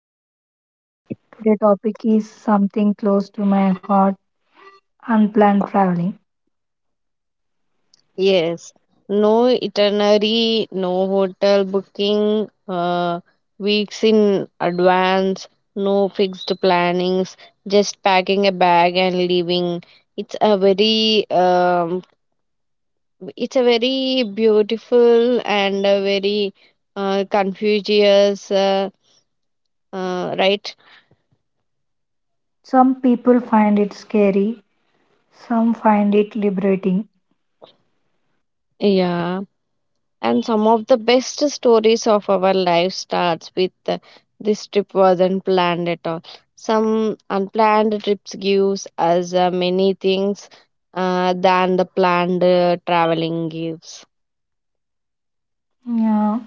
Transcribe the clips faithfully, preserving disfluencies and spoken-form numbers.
podcast. Today topic is something close to my heart, unplanned traveling. Yes, no itinerary, no hotel booking, uh, weeks in advance, no fixed plannings, just packing a bag and leaving. It's a very, um, it's a very beautiful and a very uh, confucius, uh, uh, right? Some people find it scary, some find it liberating. Yeah, and some of the best stories of our life starts with uh, this trip wasn't planned at all. Some unplanned trips gives us uh, many things uh, than the planned uh, traveling gives. Yeah.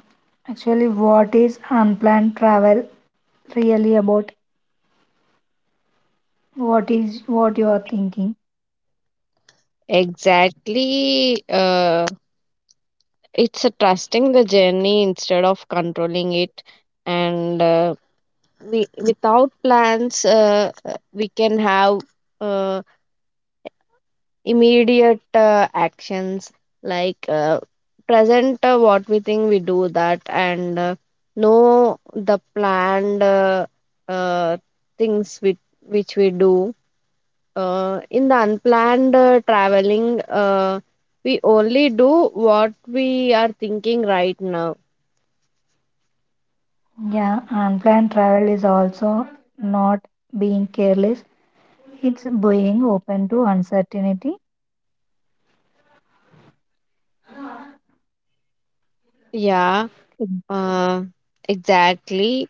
Actually what is unplanned travel really about? What is what you are thinking? Exactly, uh, it's uh, trusting the journey instead of controlling it, and uh, we without plans uh, uh, we can have uh, immediate uh, actions, like uh, present, uh, what we think we do that, and uh, know the planned uh, uh, things which, which we do uh, in the unplanned uh, traveling. Uh, we only do what we are thinking right now. Yeah, unplanned travel is also not being careless. It's being open to uncertainty. Yeah, uh, exactly.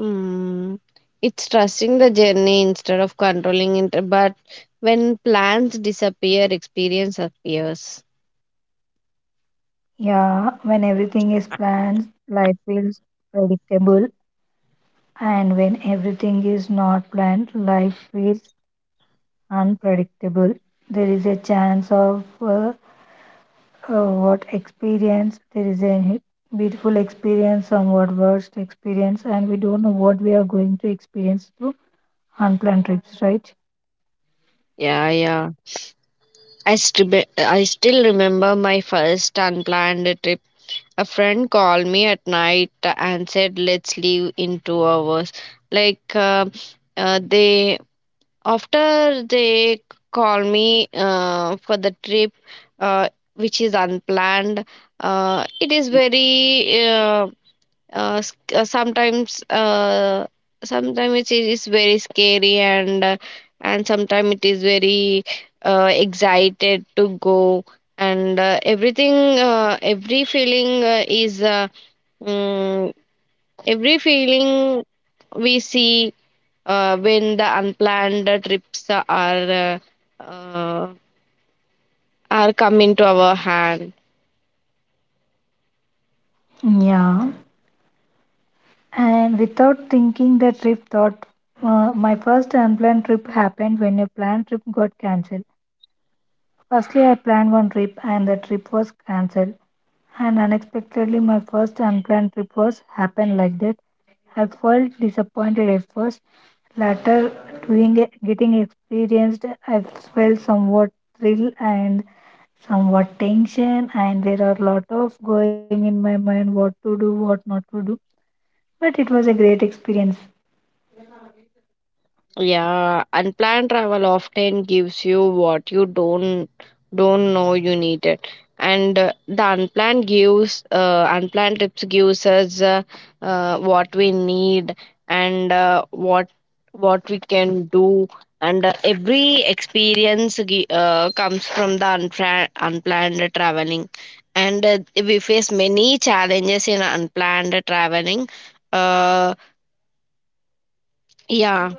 Mm, it's trusting the journey instead of controlling it. But when plans disappear, experience appears. Yeah, when everything is planned, life feels predictable, and when everything is not planned, life feels unpredictable. There is a chance of uh, uh, what experience, there is a beautiful experience, somewhat worst experience, and we don't know what we are going to experience through unplanned trips, right? Yeah, yeah. I, st- I still remember my first unplanned trip. A friend called me at night and said, "Let's leave in two hours." Like uh, uh, they, after they call me uh, for the trip, uh, which is unplanned. Uh, it is very uh. uh, s- uh, sometimes, uh, sometimes it is very scary, and uh, and sometimes it is very uh, excited to go, and uh, everything, uh, every feeling uh, is uh, mm, every feeling we see uh, when the unplanned trips are uh, uh, are coming to our hand. Yeah, and without thinking, the trip thought uh, my first unplanned trip happened when a planned trip got cancelled. Firstly, I planned one trip and the trip was cancelled. And unexpectedly, my first unplanned trip was happened like that. I felt disappointed at first. Later, doing it, getting experienced, I felt somewhat thrill and somewhat tension. And there are a lot of going in my mind what to do, what not to do. But it was a great experience. Yeah, unplanned travel often gives you what you don't don't know you need it, and uh, the unplanned gives uh, unplanned trips gives us uh, uh, what we need, and uh, what what we can do, and uh, every experience gi- uh, comes from the unplanned unplanned traveling, and uh, we face many challenges in unplanned traveling. Uh, yeah.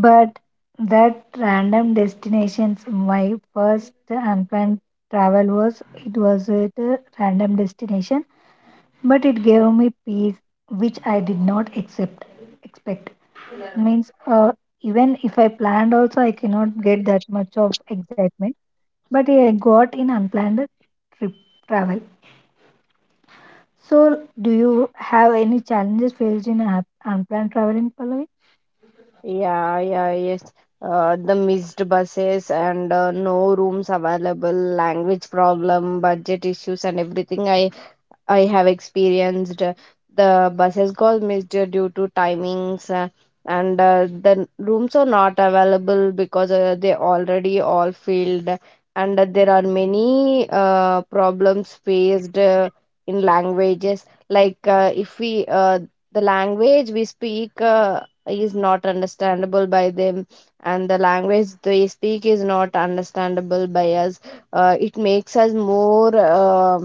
But that random destinations, my first unplanned travel was it was at a random destination, but it gave me peace which I did not accept expect. Means uh, even if I planned also I cannot get that much of excitement. But I got in unplanned trip travel. So do you have any challenges faced in un- unplanned traveling, in Pallavi? Yeah, yeah, yes. Uh, the missed buses and uh, no rooms available, language problem, budget issues, and everything. I I have experienced uh, the buses got missed uh, due to timings, uh, and uh, the rooms are not available because uh, they already all filled, and uh, there are many uh, problems faced uh, in languages. Like uh, if we uh, the language we speak uh, is not understandable by them, and the language they speak is not understandable by us. Uh, it makes us more. Uh,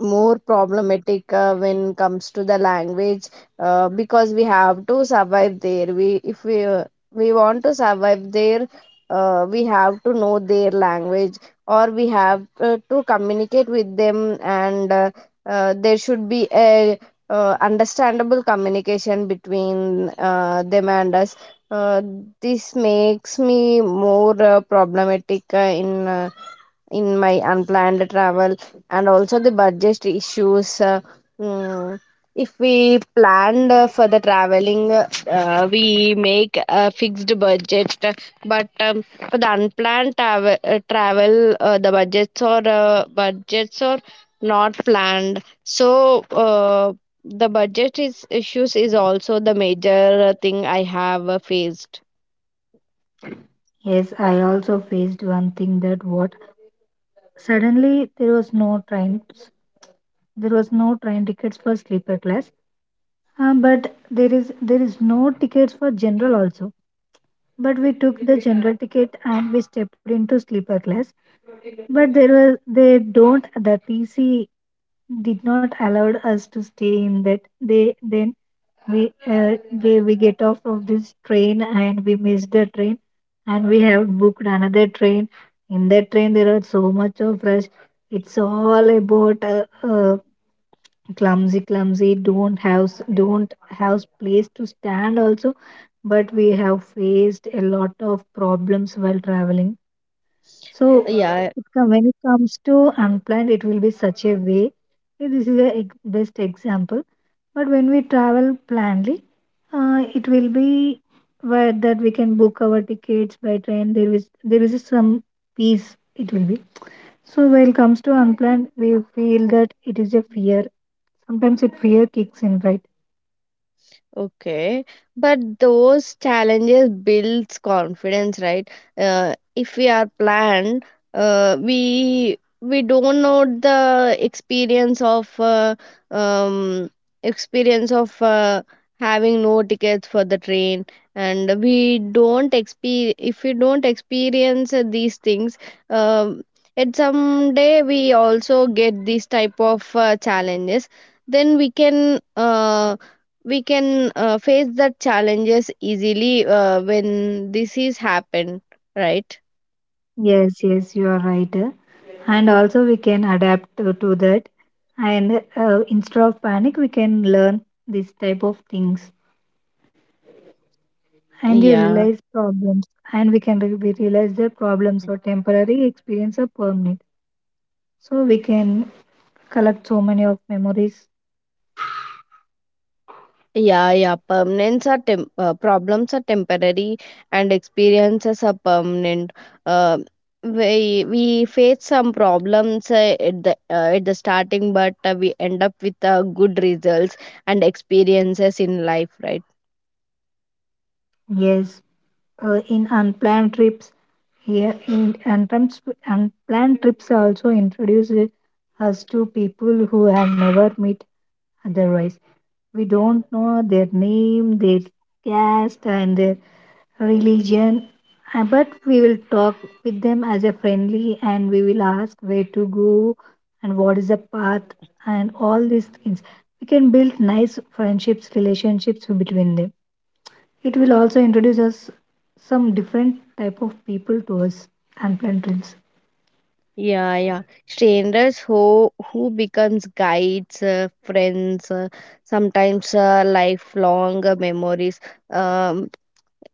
More problematic uh, when comes to the language uh, because we have to survive there, we if we uh, we want to survive there uh, we have to know their language, or we have uh, to communicate with them, and uh, uh, there should be a uh, understandable communication between uh, them and us. uh, this makes me more uh, problematic uh, in uh, in my unplanned travel, and also the budget issues. Uh, mm, if we planned uh, for the traveling, uh, we make a fixed budget, but um, for the unplanned travel, uh, travel uh, the budgets or uh, budgets are not planned. So uh, the budget is issues is also the major uh, thing I have uh, faced. Yes, I also faced one thing that what. Suddenly, there was no trains. There was no train tickets for sleeper class, uh, but there is there is no tickets for general also. But we took the general ticket and we stepped into sleeper class. But there was they don't the T C did not allowed us to stay in that. They then we uh, we we get off of this train and we missed the train, and we have booked another train. In that train, there are so much of rush, it's all about uh, uh, clumsy clumsy, don't have don't have place to stand also, but we have faced a lot of problems while traveling. So Yeah. it com- when it comes to unplanned it will be such a way. Eh, this is a ex- best example, but when we travel plannedly uh, it will be where that we can book our tickets by train, there is there is some peace it will be. So when it comes to unplanned we feel that it is a fear. Sometimes it fear kicks in, right? Okay, but those challenges builds confidence, right? Uh, if we are planned, uh, we we don't know the experience of uh, um experience of uh, having no tickets for the train, and we don't exper if we don't experience uh, these things, um, at some day we also get these type of uh, challenges. Then we can uh we can uh, face that challenges easily uh, when this is happened, right. Yes, yes, you are right. And also, we can adapt to, to that. And uh, instead of panic, we can learn this type of things. And you Yeah, realize problems, and we can re- we realize that problems are temporary, experience are permanent. So we can collect so many of memories. yeah. Yeah permanents are tem- uh, problems are temporary and experiences are permanent. uh, we we face some problems uh, at the uh, at the starting, but uh, we end up with uh, good results and experiences in life, right? Yes, uh, in unplanned trips, here in unplanned unplanned trips also introduce us to people who have never met. Otherwise, we don't know their name, their caste, and their religion. Uh, But we will talk with them as a friendly and we will ask where to go and what is the path and all these things. We can build nice friendships, relationships between them. It will also introduce us some different type of people to us and plantals. Yeah, yeah. Strangers who who becomes guides, uh, friends, uh, sometimes uh, lifelong uh, memories. Um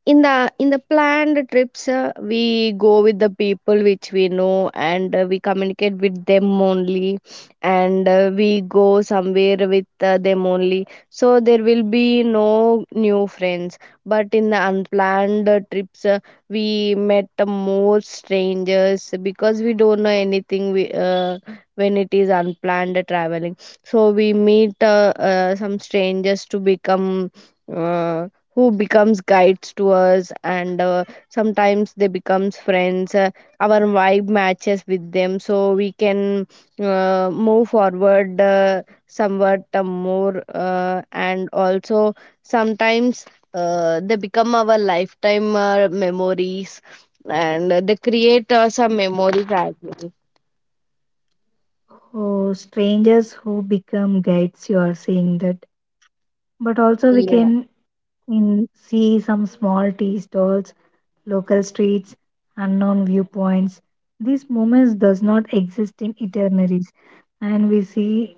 in the in the planned trips uh, we go with the people which we know, and uh, we communicate with them only, and uh, we go somewhere with uh, them only, so there will be no new friends. But in the unplanned uh, trips uh, we met uh, more strangers because we don't know anything we, uh, when it is unplanned traveling. So we meet uh, uh, some strangers to become uh, who becomes guides to us, and uh, sometimes they becomes friends. Uh, our vibe matches with them, so we can uh, move forward uh, somewhat uh, more uh, and also sometimes uh, they become our lifetime uh, memories, and uh, they create uh, some memories as well. Oh, strangers who become guides, you are saying that. But also we Yeah, can in see some small tea stalls, local streets, unknown viewpoints. These moments does not exist in itineraries, and we see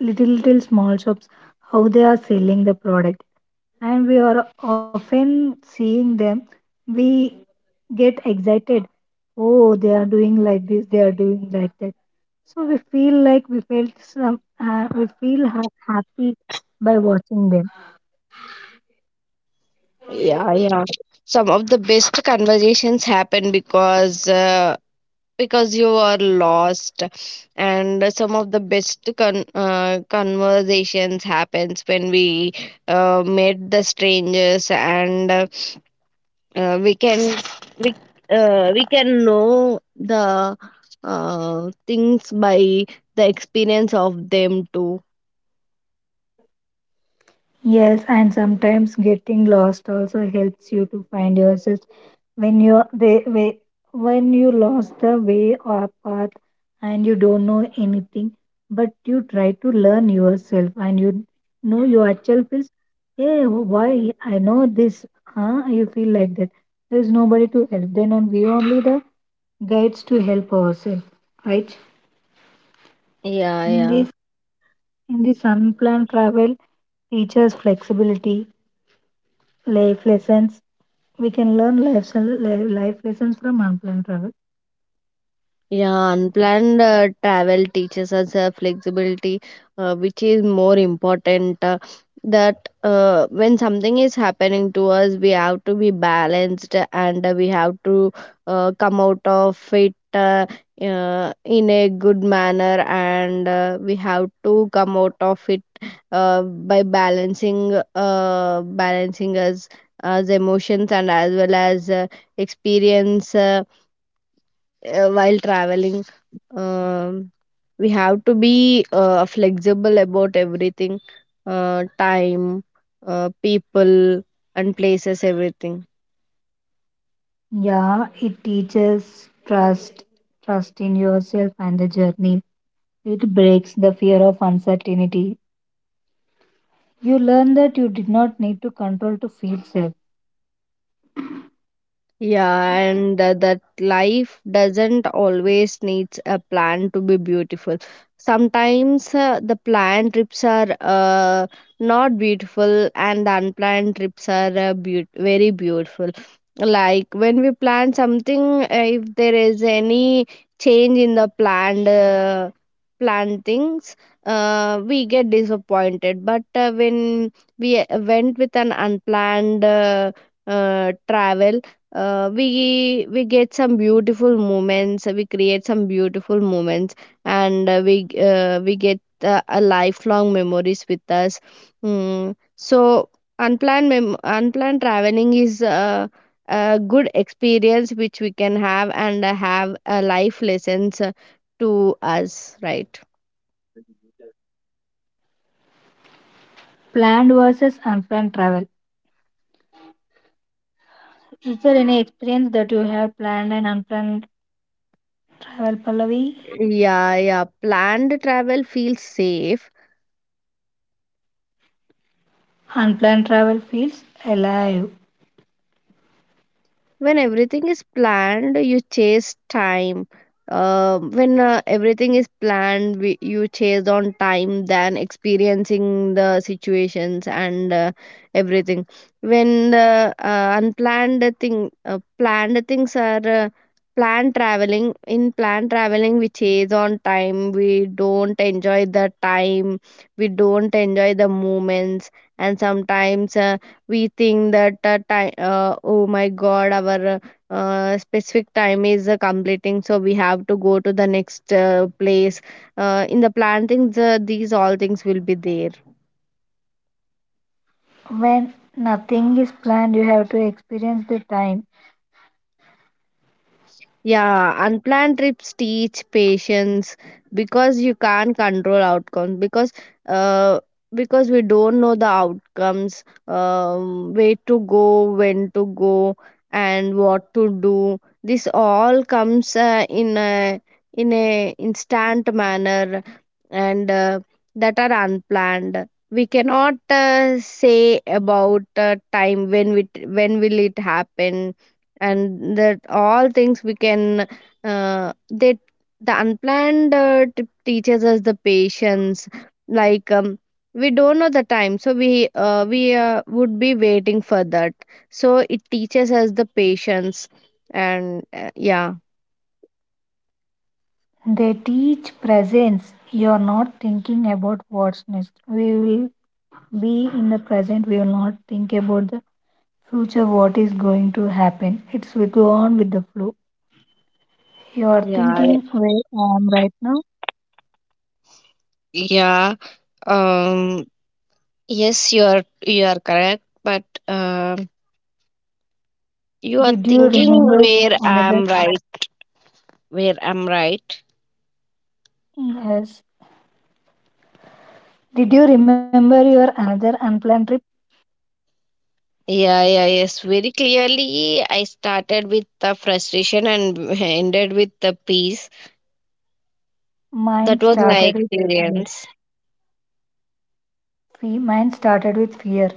little little small shops how they are selling the product, and we are often seeing them. We get excited. Oh, they are doing like this. They are doing like that. So we feel like we felt some. Uh, we feel ha- happy by watching them. yeah. Yeah some of the best conversations happen because uh, because you are lost, and some of the best con- uh, conversations happens when we uh, meet the strangers, and uh, uh, we can we, uh, we can know the uh, things by the experience of them too. Yes, and sometimes getting lost also helps you to find yourself when you they, way, when you lost the way or path and you don't know anything, but you try to learn yourself and you know your actual feels. Hey, why I know this? Huh? You feel like that. There's nobody to help. Then on we only the guides to help ourselves, right? Yeah, In yeah. this in this unplanned travel, teaches flexibility, life lessons. We can learn life, li- life lessons from unplanned travel. Yeah, unplanned uh, travel teaches us uh, flexibility, uh, which is more important. Uh, that uh, when something is happening to us, we have to be balanced, and uh, we have to uh, come out of it uh, uh, in a good manner, and uh, we have to come out of it uh, by balancing uh, balancing us as emotions and as well as uh, experience. Uh, uh, while traveling, um, we have to be uh, flexible about everything, uh, time, uh, people, and places, everything. Yeah, it teaches trust, trust in yourself and the journey. It breaks the fear of uncertainty. You learn that you did not need to control to feel safe. Yeah, and uh, that life doesn't always needs a plan to be beautiful. Sometimes uh, the planned trips are uh, not beautiful, and the unplanned trips are uh, beau- very beautiful. Like when we plan something, uh, if there is any change in the planned uh, planned things, uh, we get disappointed. But uh, when we uh, went with an unplanned uh, uh, travel, uh, we we get some beautiful moments, we create some beautiful moments, and uh, we uh, we get uh, a lifelong memories with us. Mm, so unplanned mem- unplanned traveling is uh, a good experience which we can have, and uh, have a life lessons uh, to us, right? Planned versus unplanned travel. Is there any experience that you have planned and unplanned travel, Pallavi? Yeah, yeah. Planned travel feels safe. Unplanned travel feels alive. When everything is planned, you chase time. Uh, when uh, everything is planned, we, you chase on time than experiencing the situations, and uh, everything. When the uh, unplanned thing uh, planned things are uh, planned traveling, in planned traveling we chase on time, we don't enjoy the time, we don't enjoy the moments. And sometimes uh, we think that uh, time, uh, oh my god, our uh, specific time is uh, completing, so we have to go to the next uh, place. Uh, in the plan things, uh, these all things will be there. When nothing is planned, you have to experience the time. Yeah, unplanned trips teach patience, because you can't control outcomes, because uh because we don't know the outcomes, um, where to go, when to go, and what to do. This all comes uh, in a in a instant manner, and uh, that are unplanned. We cannot uh, say about uh, time when we when will it happen, and that all things we can uh, that the unplanned uh, trip teaches us the patience. Like um, we don't know the time, so we uh, we uh, would be waiting for that. So it teaches us the patience, and uh, yeah. They teach presence. You're not thinking about what's next. We will be in the present. We will not think about the future, what is going to happen. It's we go on with the flow. You're Yeah, thinking where I am right now. yeah. Um, yes, you are you are correct, but um, you are Did you thinking remember where another? I'm right, where I'm right. Yes. Did you remember your another unplanned trip? Yeah, yeah, yes. Very clearly, I started with the frustration and ended with the peace. Mine That was my started with fear. experience. Fe- Mine started with fear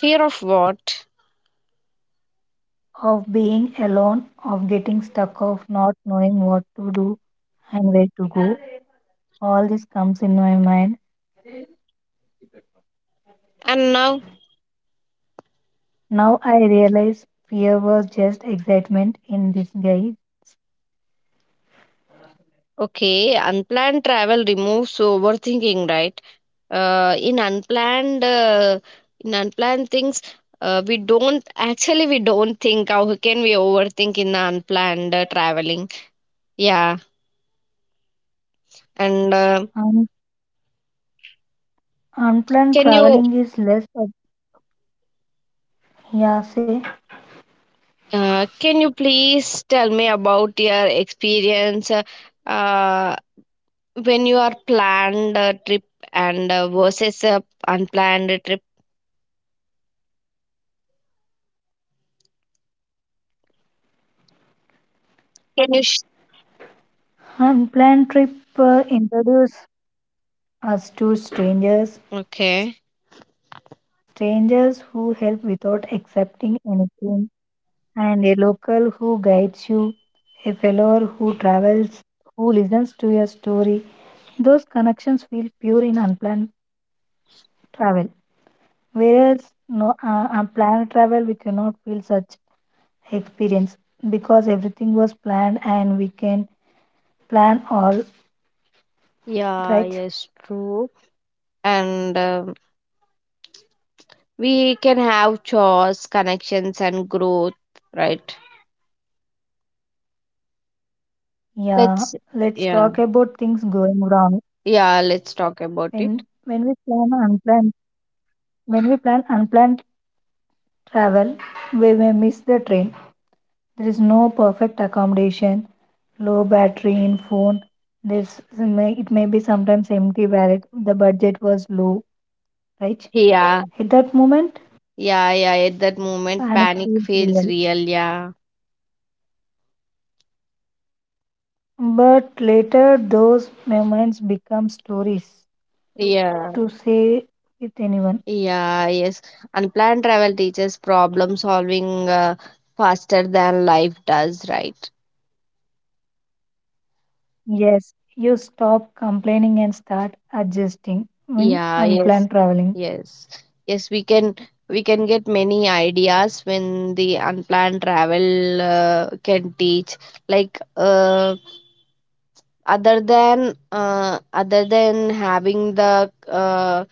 Fear of what? of being alone, of getting stuck, of not knowing what to do and where to go. All this comes in my mind. And now, Now I realize fear was just excitement in disguise. okay, unplanned travel removes overthinking, right? Uh, in unplanned, uh, in unplanned things, uh, we don't actually we don't think. How can we overthink in the unplanned uh, traveling? Yeah, and uh, Un- can you? Unplanned traveling is less of, yeah, say, Uh, can you please tell me about your experience uh, uh, when you are planned a trip, and uh, versus a unplanned trip? Can you? Sh- unplanned trip uh, introduce us to strangers, okay. strangers who help without accepting anything, and a local who guides you, a fellow who travels, who listens to your story. Those connections feel pure in unplanned travel. Whereas no, uh, on planned travel, we cannot feel such experience because everything was planned and we can plan all Yeah. right. Yes. True. And um, we can have chores, connections, and growth. Right. Yeah, Let's. let's Yeah. talk about things going wrong. Yeah. Let's talk about it. When when we plan unplanned, when we plan unplanned travel, we may miss the train. There is no perfect accommodation, low battery in phone. There's it may it may be sometimes empty wallet. The budget was low, right? Yeah. At that moment Yeah. Yeah. At that moment, panic panic feels feels real. real. Yeah. But later, those moments become stories Yeah. to say with anyone. Yeah, yes. Unplanned travel teaches problem solving uh, faster than life does, right? Yes, you stop complaining and start adjusting in Yeah, unplanned yes, traveling. yes, yes. We can we can get many ideas when the unplanned travel uh, can teach. Like uh, other than uh, other than having the uh,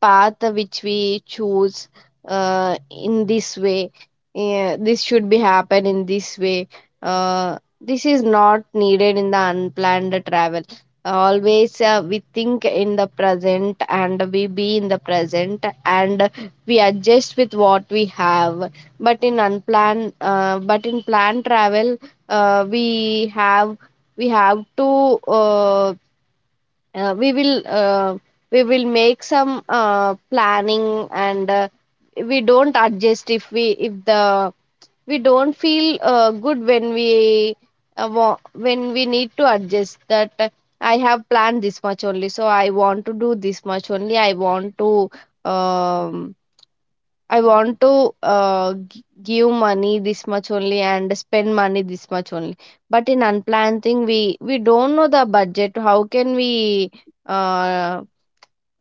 path which we choose uh, in this way, yeah, this should be happen in this way. Uh, this is not needed in the unplanned travel. Always uh, we think in the present, and we be in the present, and we adjust with what we have. But in unplanned uh, but in planned travel uh, we have we have to uh, uh, we will uh, we will make some uh, planning. And uh, we don't adjust if we if the we don't feel uh, good when we uh, wa- when we need to adjust that. uh, I have planned this much only, so I want to do this much only. I want to um, I want to uh, g- give money this much only and spend money this much only. But in unplanned thing, we we don't know the budget. How can we uh,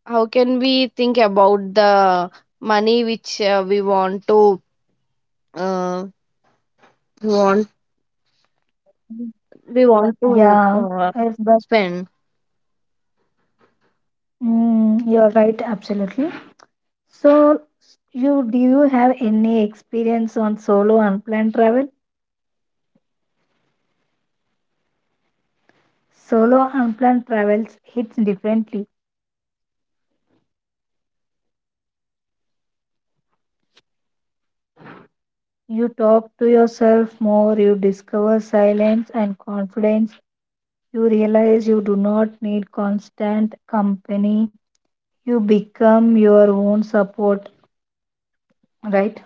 how can we think about the money which uh, we want to uh, we want we want to Yeah, uh, yes, but spend. mm, you're right, absolutely. So, you do you have any experience on solo unplanned travel? Solo unplanned travels hits differently. You talk to yourself more, you discover silence and confidence, you realize you do not need constant company, you become your own support, right?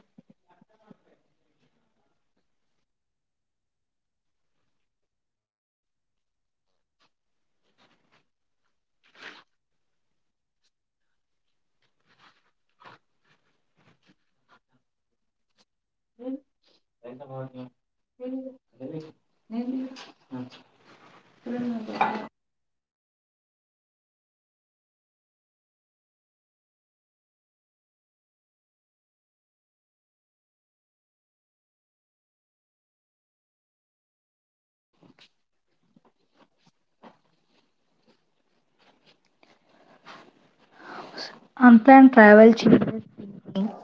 Unplanned travel change.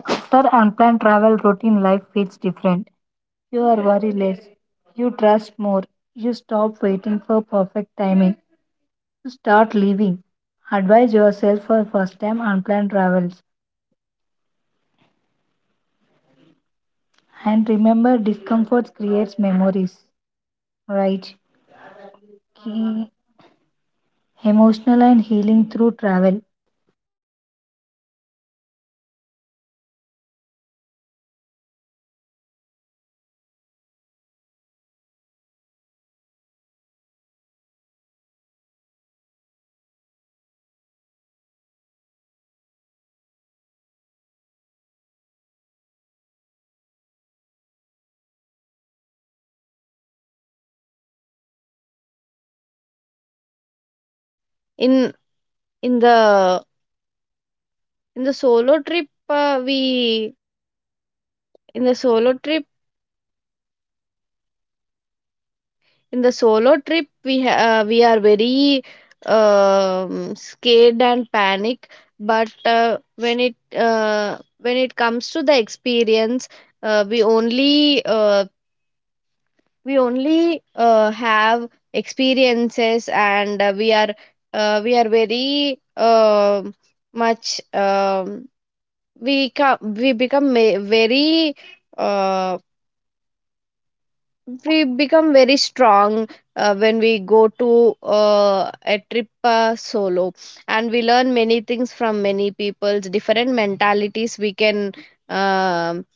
After unplanned travel, routine life feels different. You are worry less, you trust more, you stop waiting for perfect timing, you start living. Advise yourself for first time unplanned travels and remember discomforts creates memories, right? He emotional and healing through travel. in in the in the solo trip uh, we in the solo trip, in the solo trip we ha- uh, we are very um, scared and panic. But uh, when it uh, when it comes to the experience, uh, we only uh, we only uh, have experiences, and uh, we are uh, we are very um much um, we ca- we become ma- very uh, we become very strong uh, when we go to uh, a trip uh, solo. And we learn many things from many people's different mentalities. We can um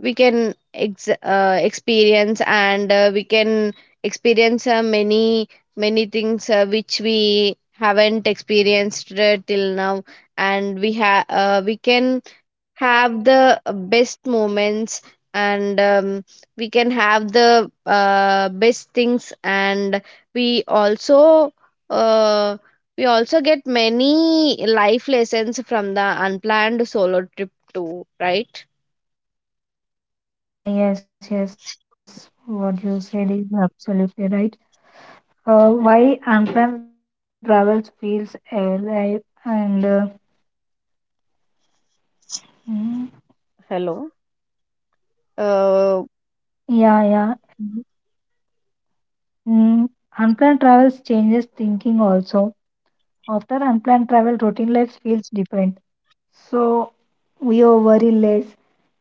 we can ex- uh, experience, and uh, we can experience uh, many many things uh, which we haven't experienced uh, till now. And we have uh, we can have the best moments, and um, we can have the uh, best things. And we also uh, we also get many life lessons from the unplanned solo trip too, right? Ah, yes, yes. What you said is absolutely right. Uh, why unplanned travels feels alive and uh, mm, Hello. Uh, yeah, yeah. Mm, Unplanned travels changes thinking also. After unplanned travel, routine life feels different. So you worry less,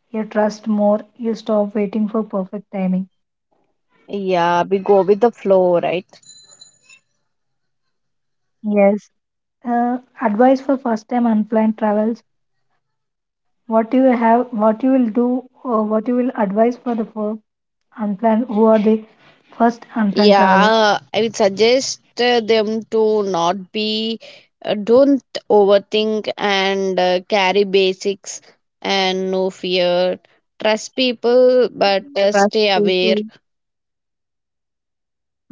you trust more, you stop waiting for perfect timing. yeah, we go with the flow, right? Yes. Uh, advice for first time unplanned travels. What you have, what you will do, or what you will advise for the first unplanned, who are the first unplanned travelers. Yeah, I would suggest uh, them to not be, uh, don't overthink, and uh, carry basics and no fear. Trust people, but uh, Trust stay aware. people,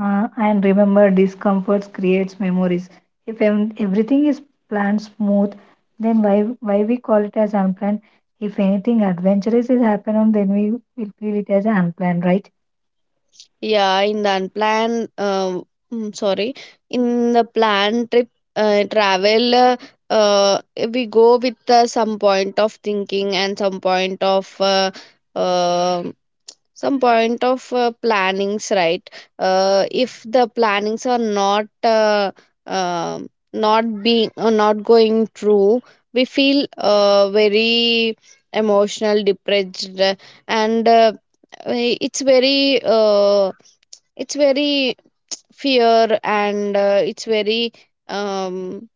uh, and remember, discomforts creates memories. If em- everything is planned smooth, then why why we call it as unplanned? If anything adventurous is happen on, then we will feel it as unplanned, right? Yeah, in the unplanned, um, mm, sorry, in the planned trip uh, travel, uh, uh, we go with uh, some point of thinking, and some point of uh, um some point of uh, plannings, right? Uh, if the plannings are not uh, um not being uh, not going through, we feel uh, very emotional, depressed, uh, and uh, uh, it's very uh, it's very fear, and uh, it's very um,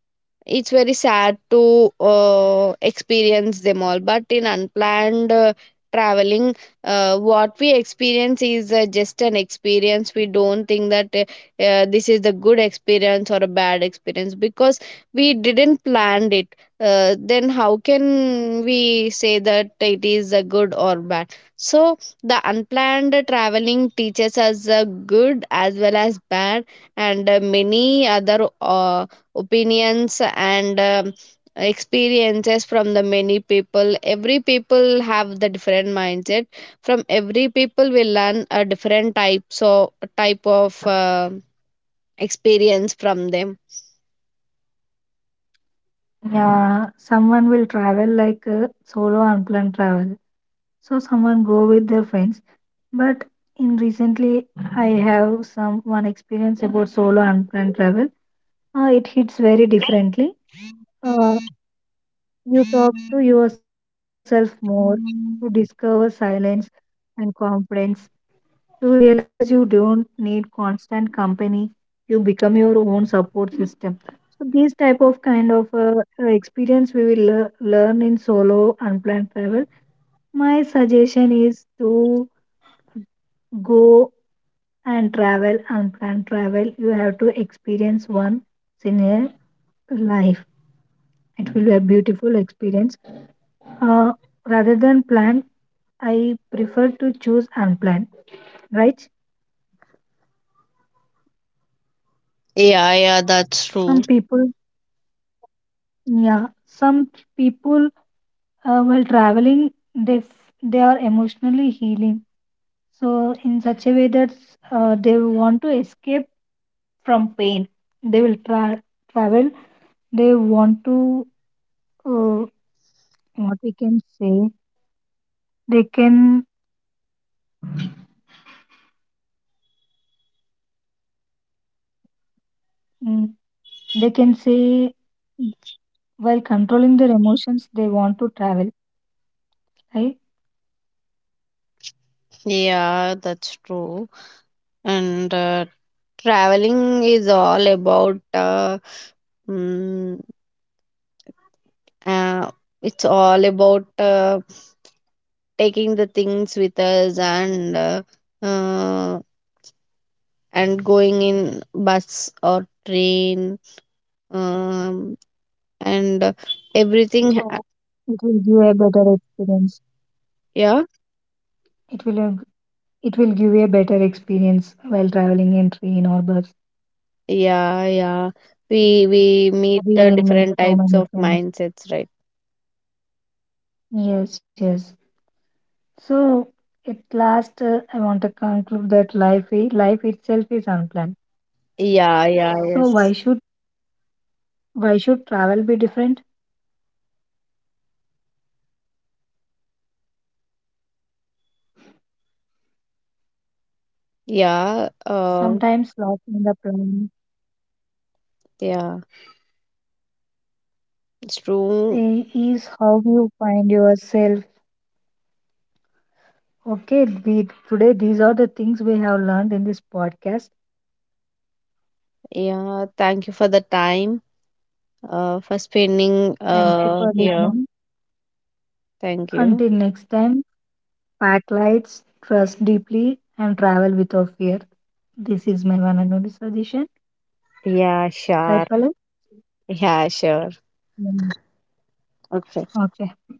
it's very sad to uh, experience them all. But in unplanned uh, traveling, uh, what we experience is uh, just an experience. We don't think that uh, uh, this is the good experience or a bad experience, because we didn't plan it. Uh, then how can we say that it is a good or bad? So the unplanned traveling teaches us uh, good as well as bad, and uh, many other uh, opinions and um, experiences. From the many people, every people have the different mindset. From every people we learn a different types of type of uh, experience from them. Yeah, someone will travel like a solo unplanned travel, so someone go with their friends. But in recently, I have some one experience about solo unplanned travel. Uh, it hits very differently. Uh, you talk to yourself more, to discover silence and confidence. To realize you don't need constant company. You become your own support system. So these type of kind of uh, uh, experience we will lear- learn in solo unplanned travel. My suggestion is to go and travel unplanned travel. You have to experience once in a life. It will be a beautiful experience. Uh, Rather than plan, I prefer to choose unplanned, right? Yeah, yeah, that's true. Some people, yeah, some people, uh, while traveling, they f- they are emotionally healing. So in such a way that uh, they want to escape from pain, they will tra- travel. They want to, uh, what we can say, they can, mm, they can say, mm, while controlling their emotions, they want to travel, right? Yeah, that's true. And uh, traveling is all about uh, mm, uh, it's all about uh, taking the things with us and uh, uh, and going in bus or train um, and uh, everything. ha- It will give a better experience. Yeah, It will have- it will give a better experience while traveling in train or bus. yeah, yeah. We we meet uh, We will different make types so of many friends. mindsets, right? Yes, yes. So at last, uh, I want to conclude that life i- life itself is unplanned. Yeah, yeah, So why yes. should why should travel be different? Yeah, uh, Sometimes lost in the plan yeah, it's true. i- is how you find yourself. Okay, we today these are the things we have learned in this podcast. Yeah, thank you for the time, uh, for spending Thank you uh for here. listening. Thank you. Until next time, pack lights, trust deeply, and travel without fear. This is my one and only suggestion, Yeah, sure. right, Palak? Yeah, sure. Mm, Okay. Okay.